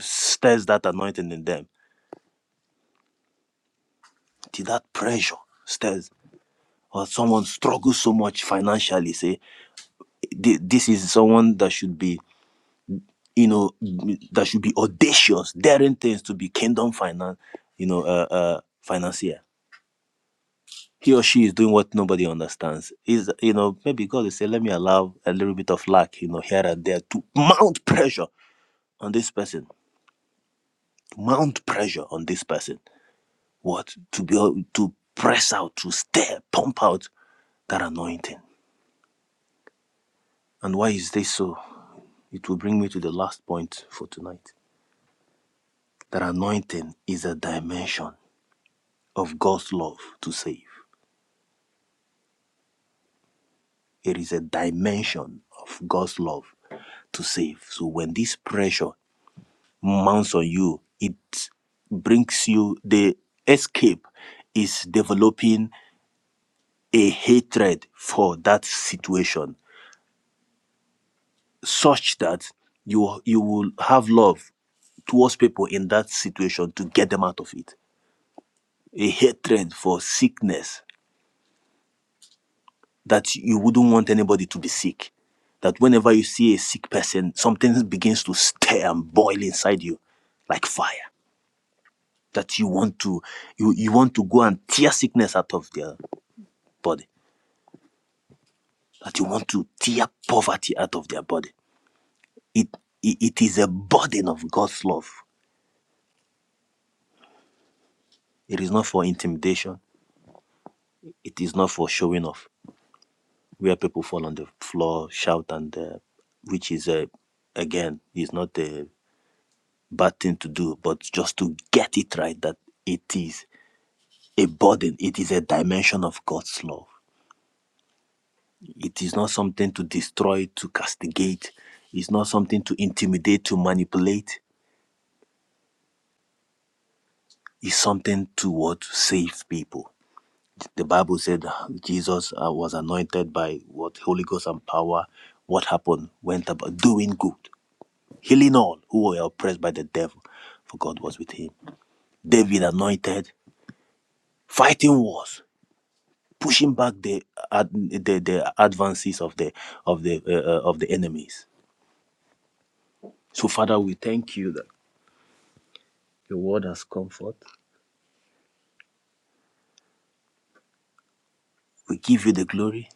Speaker 3: stirs that anointing in them till that pressure stirs or someone struggles so much financially say thi- this is someone that should be you know that should be audacious daring things to be kingdom finance you know uh, uh financier he or she is doing what nobody understands is you know maybe god is saying let me allow a little bit of lack you know here and there to mount pressure on this person to mount pressure on this person what to be able to press out to stare pump out that anointing and why is this so It will bring me to the last point for tonight. That anointing is a dimension of God's love to save. It is a dimension of God's love to save. So when this pressure mounts on you, it brings you the escape is developing a hatred for that situation such that you you will have love towards people in that situation to get them out of it. A hatred for sickness that you wouldn't want anybody to be sick. That whenever you see a sick person, something begins to stir and boil inside you like fire. That you want to you, you want to go and tear sickness out of their body. That you want to tear poverty out of their body. It it, it is a burden of God's love. It is not for intimidation. It is not for showing off. Where people fall on the floor, shout, and uh, which is uh, again is not a. bad thing to do, but just to get it right that it is a burden, it is a dimension of God's love. It is not something to destroy, to castigate, it's not something to intimidate, to manipulate. It's something to what save people. The Bible said Jesus uh, was anointed by what Holy Ghost and power. What happened? Went about doing good, healing all who were oppressed by the devil, for God was with him. David anointed, fighting wars pushing back the ad, the, the advances of the of the uh, uh, of the enemies. So Father, we thank you that your word has come forth. We give you the glory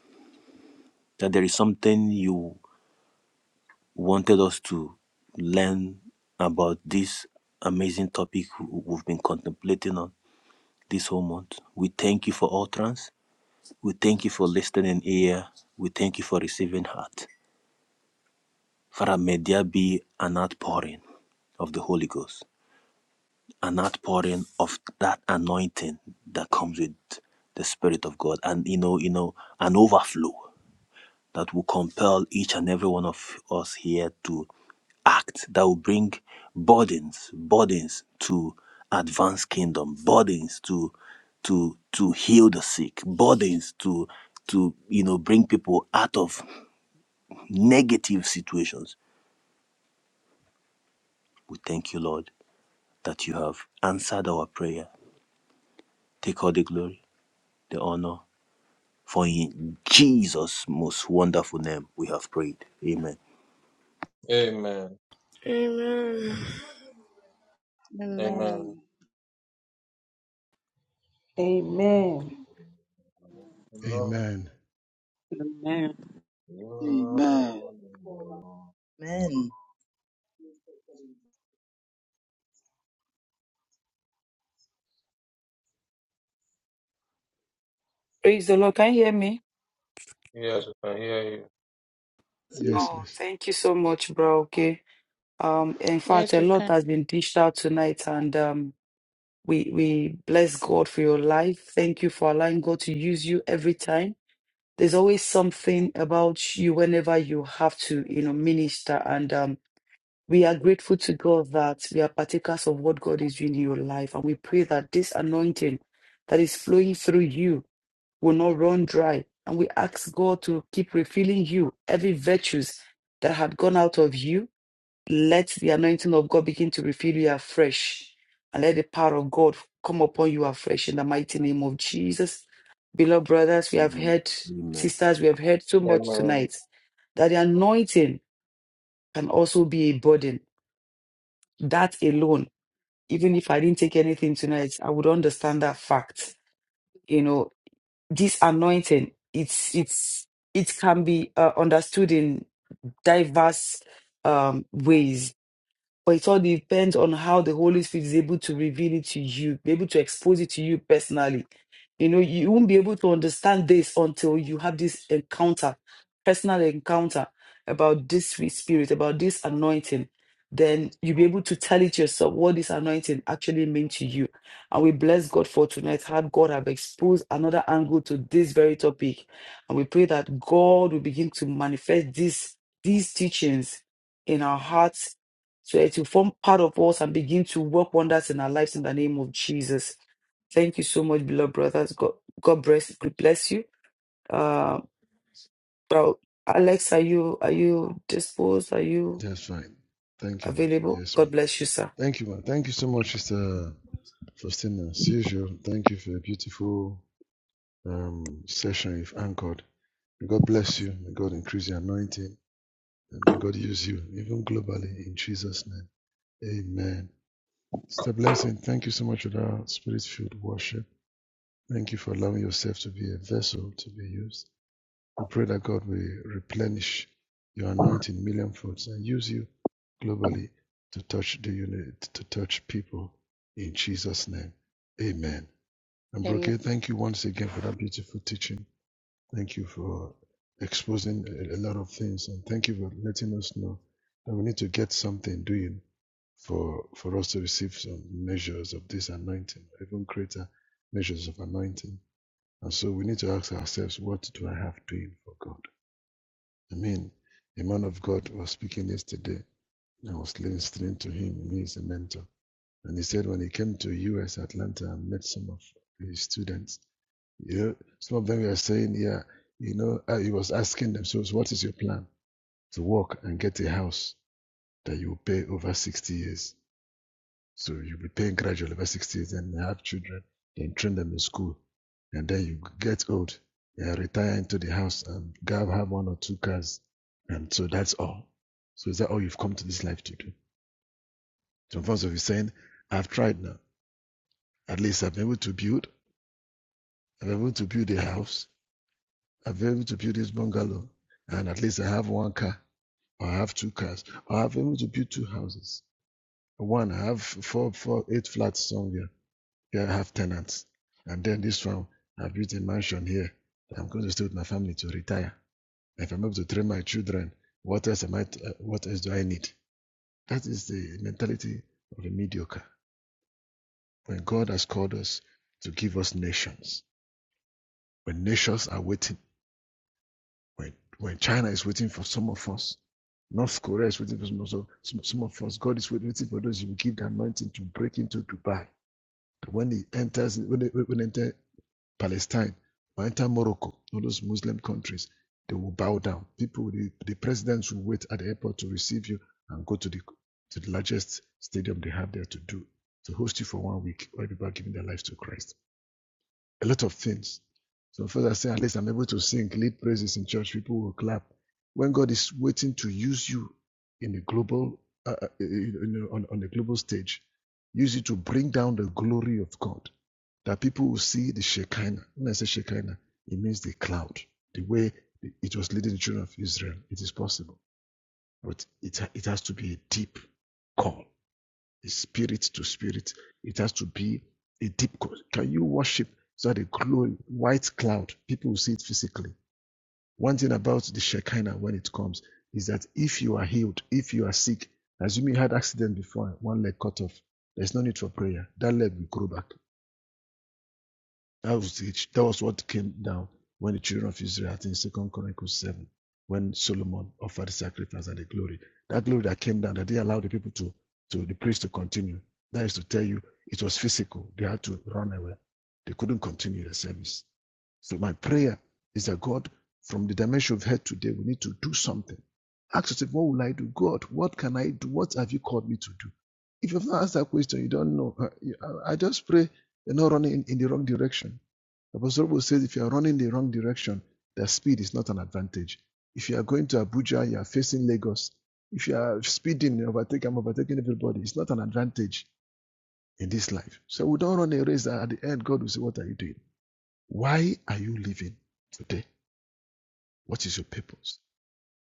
Speaker 3: that there is something you wanted us to learn about this amazing topic w- we've been contemplating on this whole month. We thank you for utterance. We thank you for listening ear. We thank you for receiving heart. Father, may there be an outpouring of the Holy Ghost an outpouring of that anointing that comes with the Spirit of God, and you know, you know, an overflow that will compel each and every one of us here to act. That will bring burdens, burdens to advance kingdom, burdens to to to heal the sick, burdens to to you know bring people out of negative situations. We thank you, Lord, that you have answered our prayer. Take all the glory, the honor For in Jesus' most wonderful name we have prayed. Amen.
Speaker 9: Amen.
Speaker 10: Amen.
Speaker 7: Amen.
Speaker 9: Amen.
Speaker 11: Amen.
Speaker 9: Lord,
Speaker 2: Amen.
Speaker 12: Amen.
Speaker 9: you
Speaker 13: Amen.
Speaker 9: are the Lord.
Speaker 5: Amen.
Speaker 1: Praise the Lord. Can you hear me?
Speaker 9: Yes, I can hear you.
Speaker 2: Yes,
Speaker 13: Yes.
Speaker 1: Oh,
Speaker 2: please.
Speaker 1: thank you so much, bro. Okay. Um, in fact,
Speaker 7: Yes,
Speaker 1: a
Speaker 7: we
Speaker 1: lot
Speaker 7: can.
Speaker 1: has been dished out tonight, and um, we we bless God for your life. Thank you for allowing God to use you every time. There's always something about you whenever you have to, you know, minister. And um, we are grateful to God that we are partakers of what God is doing in your life, and we pray that this anointing that is flowing through you will not run dry. And we ask God to keep refilling you every virtues that had gone out of you. Let the anointing of God begin to refill you afresh. And let the power of God come upon you afresh in the mighty name of Jesus. Beloved brothers, we have
Speaker 3: Amen.
Speaker 1: heard,
Speaker 3: Amen.
Speaker 1: sisters, we have heard so much
Speaker 9: Amen.
Speaker 1: tonight that the anointing can also be a burden. That alone, even if I didn't take anything tonight, I would understand that fact. You know, this anointing it's it's it can be uh, understood in diverse um, ways but it all depends on how the Holy Spirit is able to reveal it to you, be able to expose it to you personally. You know, you won't be able to understand this until you have this encounter, personal encounter about this sweet spirit, about this anointing. Then you'll be able to tell it yourself what this anointing actually means to you. And we bless God for tonight, how God have exposed another angle to this very topic. And we pray that God will begin to manifest these, these teachings in our hearts so it will form part of us and begin to work wonders in our lives in the name of Jesus. Thank you so much, beloved brothers. God, God bless, God bless you. Uh, bro, Alex, are you are you disposed? Are you
Speaker 2: That's right. Thank you, man.
Speaker 1: available?
Speaker 2: Yes,
Speaker 1: God
Speaker 2: ma'am.
Speaker 1: bless you, sir.
Speaker 2: Thank you, man. Thank you so much, Sister Faustina. As usual, thank you for a beautiful um, session you've anchored. May God bless you. May God increase your anointing. And may God use you, even globally, in Jesus' name. Amen. Sister Blessing, thank you so much for that spirit filled worship. Thank you for allowing yourself to be a vessel to be used. We pray that God will replenish your anointing million folds and use you globally to touch the unit, to touch people in Jesus' name. Amen. And Brooke,
Speaker 7: Amen.
Speaker 2: thank you once again for that beautiful teaching. Thank you for exposing a a lot of things, and thank you for letting us know that we need to get something doing for for us to receive some measures of this anointing, even greater measures of anointing. And so we need to ask ourselves, what do I have doing for God? I mean, a man of God was speaking yesterday. I was listening to him. He is a mentor. And he said when he came to US Atlanta and met some of his students, you know, some of them were saying, yeah, you know, uh, he was asking them, so so what is your plan to work and get a house that you pay over 60 years? So you'll be paying gradually over 60 years and have children, then train them in school. And then you get old, and retire into the house and have have one or two cars. And so that's all. So is that all you've come to this life to do? Some folks will be saying, I've tried now. At least I've been able to build. I'm able to build a house. I'm able to build this bungalow. And at least I have one car. Or I have two cars. Or I'm able to build two houses. One, I have four, four, eight flats somewhere. Here I have tenants. And then this one, I built a mansion here. I'm going to stay with my family to retire. If I'm able to train my children, what else am I, uh, what else do I need? That is the mentality of a mediocre. When God has called us to give us nations, when nations are waiting When, when China is waiting for some of us, North Korea is waiting for some of us, some, of us. God is waiting for those you give the anointing to break into Dubai. When he enters, when they, when they enter Palestine or enter Morocco, all those Muslim countries, they will bow down. People, the, the presidents will wait at the airport to receive you and go to the to the largest stadium they have there to do to host you for one week. Where people are giving their lives to Christ a lot of things. So first I say, at least I'm able to sing, lead praises in church. People will clap. When God is waiting to use you in a global, uh, uh, on, on a global stage, use it to bring down the glory of God, that people will see the Shekinah. When I say Shekinah, it means the cloud, the way it was leading the children of Israel. It is possible, but it it has to be a deep call spirit to spirit. It has to be a deep. co- Can you worship so that a glory, white cloud, people will see it physically? One thing about the Shekinah when it comes is that if you are healed, if you are sick, assuming you had accident before, one leg cut off, there's no need for prayer. That leg will grow back. That was, it. that was what came down when the children of Israel, I think, Second Chronicles 7, when Solomon offered the sacrifice and the glory. That glory that came down, that they allowed the people to, to the priest to continue. That is to tell you, it was physical. They had to run away. They couldn't continue the service. So my prayer is that God, from the dimension of head today, we need to do something. Ask yourself, what will I do? God, what can I do? What have you called me to do? If you've not asked that question, you don't know. Uh, I just pray they're not running in, in the wrong direction. Apostle Paul says if you are running the wrong direction, the speed is not an advantage. If you are going to Abuja, you are facing Lagos. If you are speeding, you overtake, I'm overtaking everybody. It's not an advantage in this life. So we don't run a race that at the end God will say, What are you doing? Why are you living today? What is your purpose?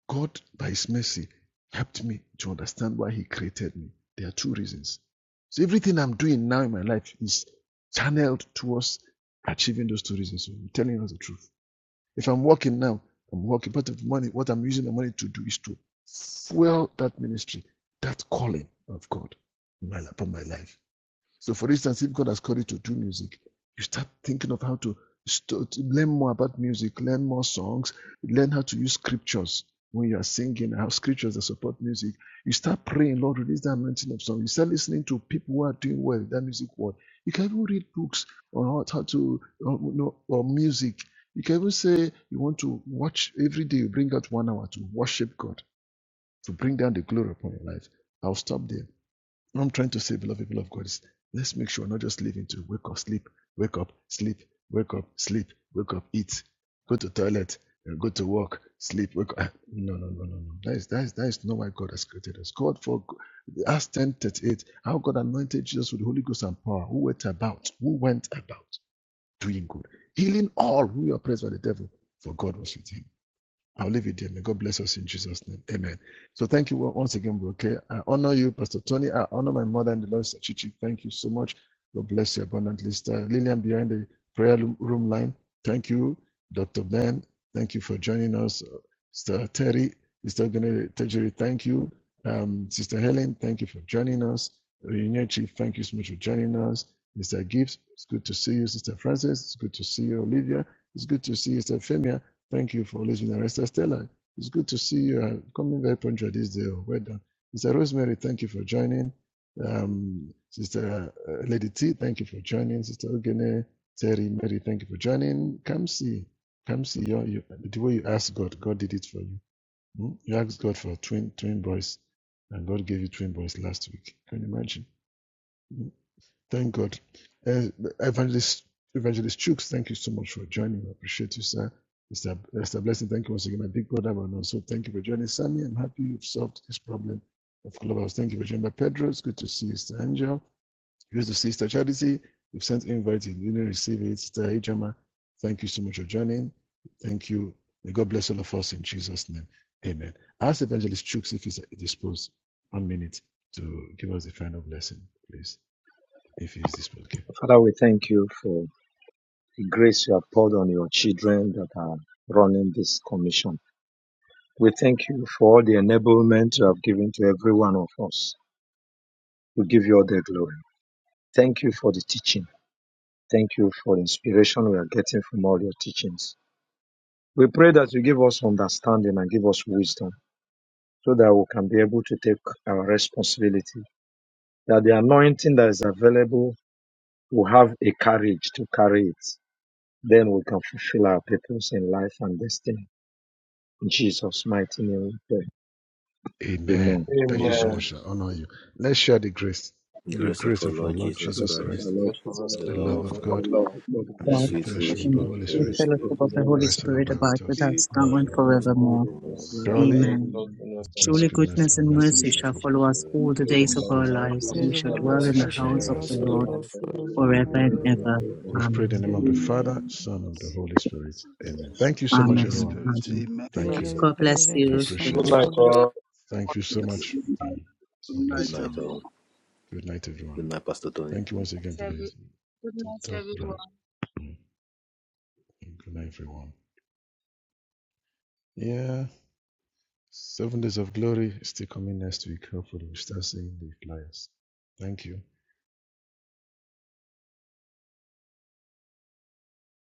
Speaker 2: God, by His mercy, helped me to understand why He created me. There are two reasons. So everything I'm doing now in my life is channeled towards achieving those two reasons. So I'm telling you the truth. If I'm working now, I'm working. Part of the money, what I'm using the money to do is to fuel that ministry, that calling of God in my, upon my life. So, for instance, if God has called you to do music, you start thinking of how to, st- to learn more about music, learn more songs, learn how to use scriptures when you are singing, how scriptures that support music. You start praying, Lord, release that mountain of song. You start listening to people who are doing well in that music world. You can even read books on how, to, uh, you know, or music. You can even say you want to watch every day, you bring out one hour to worship God, to bring down the glory upon your life. I'll stop there. What I'm trying to say, beloved people of God, is let's make sure we're not just living to wake up, sleep, wake up, sleep, wake up, sleep, wake up, eat, go to toilet, uh, go to work, sleep, wake up. No, no, no, no, no. That is that is that is not why God has created us. God for Acts 10 38. how God anointed Jesus with the Holy Ghost and power, who went about, who went about doing good, healing all who were oppressed by the devil, for God was with him. I'll leave it there. May God bless us in Jesus' name. Amen. So thank you once again, Broke. I honor you, Pastor Tony. I honor my mother and the Lord, Chichi. Thank you so much. God bless you abundantly. Sister Lillian behind the prayer room line. Thank you, Dr. Ben. Thank you for joining us. Uh, Sister Terry, Sister Tejeri, thank you. Um, Sister Helen, thank you for joining us. Reunion Chief, thank you so much for joining us. Mr. Gibbs, it's good to see you. Sister Francis, it's good to see you. Olivia, it's good to see you. Sister Femia, Thank you for listening. Rest Stella, it's good to see you. Uh, coming very punctual this day. Oh, Well done. Sister Rosemary, thank you for joining. Um, Sister uh, Lady T, thank you for joining. Sister Ogene, Terry, Mary, thank you for joining. Come see. Come see. You, you, the way you asked God, God did it for you. Hmm? You asked God for twin twin boys, and God gave you twin boys last week. Can you imagine? Thank God. Uh, Evangelist, Evangelist Chooks, thank you so much for joining. I appreciate you, sir. Mr. Mr. Blessing, thank you once again. My big brother, and also thank you for joining. Sammy, I'm happy you've solved this problem of Clubhouse. Thank you for joining. Pedro, it's good to see you, Sister Angel. Good to see you, Sister Charity. We've sent invites. you didn't receive it. Sister Ijama, thank you so much for joining. Thank you. May God bless all of us in Jesus' name. Amen. Ask Evangelist Chooks if he's disposed one minute to give us a final blessing, please. If you use this one, okay.
Speaker 14: Father, we thank you for the grace you have poured on your children that are running this commission. We thank you for all the enablement you have given to every one of us. We give you all the glory. Thank you for the teaching. Thank you for the inspiration we are getting from all your teachings. We pray that you give us understanding and give us wisdom so that we can be able to take our responsibility. That the anointing that is available will have a courage to carry it. Then we can fulfill our purpose in life and destiny. In Jesus' mighty name we pray.
Speaker 2: Amen.
Speaker 14: Amen.
Speaker 2: Thank you so
Speaker 9: Amen.
Speaker 3: Amen.
Speaker 2: much. I honor you. Let's share the grace,
Speaker 3: The
Speaker 2: the
Speaker 3: Grace of
Speaker 2: grace
Speaker 3: our
Speaker 2: of our
Speaker 3: Lord
Speaker 2: Lord
Speaker 3: Jesus
Speaker 2: Jesus
Speaker 14: Bless of our
Speaker 3: Christ,
Speaker 2: Christ,
Speaker 14: Lord
Speaker 9: Just for all
Speaker 14: Jesus
Speaker 3: the
Speaker 9: the
Speaker 2: the
Speaker 14: Christ,
Speaker 3: love
Speaker 2: love
Speaker 3: of
Speaker 2: of
Speaker 9: service
Speaker 3: God,
Speaker 14: the
Speaker 9: as
Speaker 2: God,
Speaker 14: love
Speaker 9: well.
Speaker 14: of God the
Speaker 9: And I
Speaker 2: and the
Speaker 3: the
Speaker 9: speak
Speaker 14: Father,
Speaker 5: God,
Speaker 2: sweet
Speaker 9: to
Speaker 14: the
Speaker 3: sweet
Speaker 9: the
Speaker 2: fellowship
Speaker 9: Holy
Speaker 2: of
Speaker 3: fellowship
Speaker 2: the
Speaker 5: and
Speaker 3: of
Speaker 9: Spirit.
Speaker 3: the
Speaker 2: Holy
Speaker 5: the
Speaker 3: Holy
Speaker 2: Spirit
Speaker 14: fellowship
Speaker 5: fellowship
Speaker 14: of
Speaker 3: Spirit,
Speaker 14: the
Speaker 5: of the
Speaker 9: Yes,
Speaker 14: Holy
Speaker 9: and
Speaker 5: Holy
Speaker 2: rest and
Speaker 14: Spirit,
Speaker 5: Spirit
Speaker 2: abide
Speaker 5: abide
Speaker 2: with
Speaker 5: with
Speaker 2: us
Speaker 3: be
Speaker 5: us
Speaker 3: with
Speaker 2: now
Speaker 5: now
Speaker 2: and
Speaker 3: us
Speaker 5: and
Speaker 2: forever.
Speaker 3: now
Speaker 14: and the
Speaker 9: forevermore.
Speaker 3: and
Speaker 5: forevermore.
Speaker 14: body of
Speaker 3: forevermore.
Speaker 9: Amen.
Speaker 14: us now and
Speaker 3: Amen.
Speaker 2: Surely,
Speaker 9: Only
Speaker 5: Amen.
Speaker 9: those
Speaker 14: forevermore.
Speaker 9: who know the
Speaker 2: God's
Speaker 9: Lord
Speaker 5: Surely
Speaker 9: is the
Speaker 2: goodness
Speaker 5: goodness
Speaker 2: and
Speaker 9: first
Speaker 5: and
Speaker 2: mercy
Speaker 9: one.
Speaker 5: mercy
Speaker 3: The
Speaker 2: shall
Speaker 5: shall
Speaker 3: message
Speaker 2: follow
Speaker 3: of
Speaker 5: follow
Speaker 2: us
Speaker 5: us all
Speaker 3: forgiveness,
Speaker 9: In
Speaker 5: the
Speaker 9: the name of
Speaker 2: all
Speaker 5: days
Speaker 14: Yes,
Speaker 2: the
Speaker 9: the
Speaker 5: of our
Speaker 2: days of
Speaker 14: of
Speaker 9: Lord,
Speaker 2: our
Speaker 5: lives,
Speaker 3: the
Speaker 9: and
Speaker 5: and
Speaker 2: lives.
Speaker 14: Jesus
Speaker 9: we
Speaker 5: we
Speaker 3: Jesus
Speaker 1: Jesus,
Speaker 3: for
Speaker 1: of
Speaker 14: the
Speaker 5: shall
Speaker 9: shall be
Speaker 1: our
Speaker 5: dwell
Speaker 3: life,
Speaker 14: life,
Speaker 9: on
Speaker 1: lives,
Speaker 2: We
Speaker 5: in the
Speaker 1: we
Speaker 2: shall
Speaker 9: the
Speaker 3: we
Speaker 2: dwell
Speaker 1: shall
Speaker 2: in the
Speaker 3: should
Speaker 1: be
Speaker 5: house
Speaker 3: go
Speaker 5: of
Speaker 9: world
Speaker 3: in
Speaker 14: the
Speaker 2: house
Speaker 5: the
Speaker 3: the
Speaker 2: of
Speaker 1: blessed,
Speaker 2: the
Speaker 14: glory
Speaker 3: house
Speaker 1: O
Speaker 3: of
Speaker 5: Lord
Speaker 14: and
Speaker 2: Lord
Speaker 9: forever
Speaker 3: God
Speaker 1: Lord,
Speaker 9: and
Speaker 14: the
Speaker 9: ever.
Speaker 14: Lord,
Speaker 1: forever
Speaker 5: forever
Speaker 1: and
Speaker 5: and
Speaker 2: forever.
Speaker 14: forever
Speaker 1: ever.
Speaker 14: and
Speaker 3: forever
Speaker 5: ever.
Speaker 3: and
Speaker 14: ever.
Speaker 2: We've
Speaker 3: ever.
Speaker 2: prayed in the
Speaker 5: Amen.
Speaker 2: name of
Speaker 14: Amen.
Speaker 2: the
Speaker 3: Amen.
Speaker 9: Amen.
Speaker 1: Amen.
Speaker 2: Father, Son, of the Holy Spirit. Amen. Thank you so
Speaker 3: Yeah.
Speaker 2: much,
Speaker 1: Amen.
Speaker 13: Holy
Speaker 5: Amen.
Speaker 2: everyone.
Speaker 13: Spirit.
Speaker 5: Amen.
Speaker 13: Amen.
Speaker 1: Good
Speaker 3: Thank
Speaker 2: Thank
Speaker 15: Man,
Speaker 3: you,
Speaker 2: you.
Speaker 3: sir.
Speaker 1: evening,
Speaker 5: God
Speaker 1: everybody.
Speaker 5: bless
Speaker 1: Thank
Speaker 2: I
Speaker 1: you
Speaker 5: you.
Speaker 1: so
Speaker 2: appreciate
Speaker 3: Good
Speaker 9: Good
Speaker 2: it.
Speaker 1: much.
Speaker 9: night,
Speaker 3: night.
Speaker 1: God bless.
Speaker 9: all.
Speaker 2: Thank you so
Speaker 3: Thank you.
Speaker 13: Yes.
Speaker 2: much.
Speaker 13: Good
Speaker 2: God
Speaker 3: Good
Speaker 13: night,
Speaker 2: bless you.
Speaker 3: night,
Speaker 13: everyone.
Speaker 3: all.
Speaker 2: Good night,
Speaker 3: Good
Speaker 2: everyone.
Speaker 3: night, Pastor Tony.
Speaker 2: Thank you once again for
Speaker 16: every,
Speaker 2: this
Speaker 16: good night,
Speaker 2: talk,
Speaker 16: everyone.
Speaker 2: bro. Mm, Good night, everyone. Yeah, seven days of glory is still coming next week. Hopefully, we start seeing the flyers. Thank you.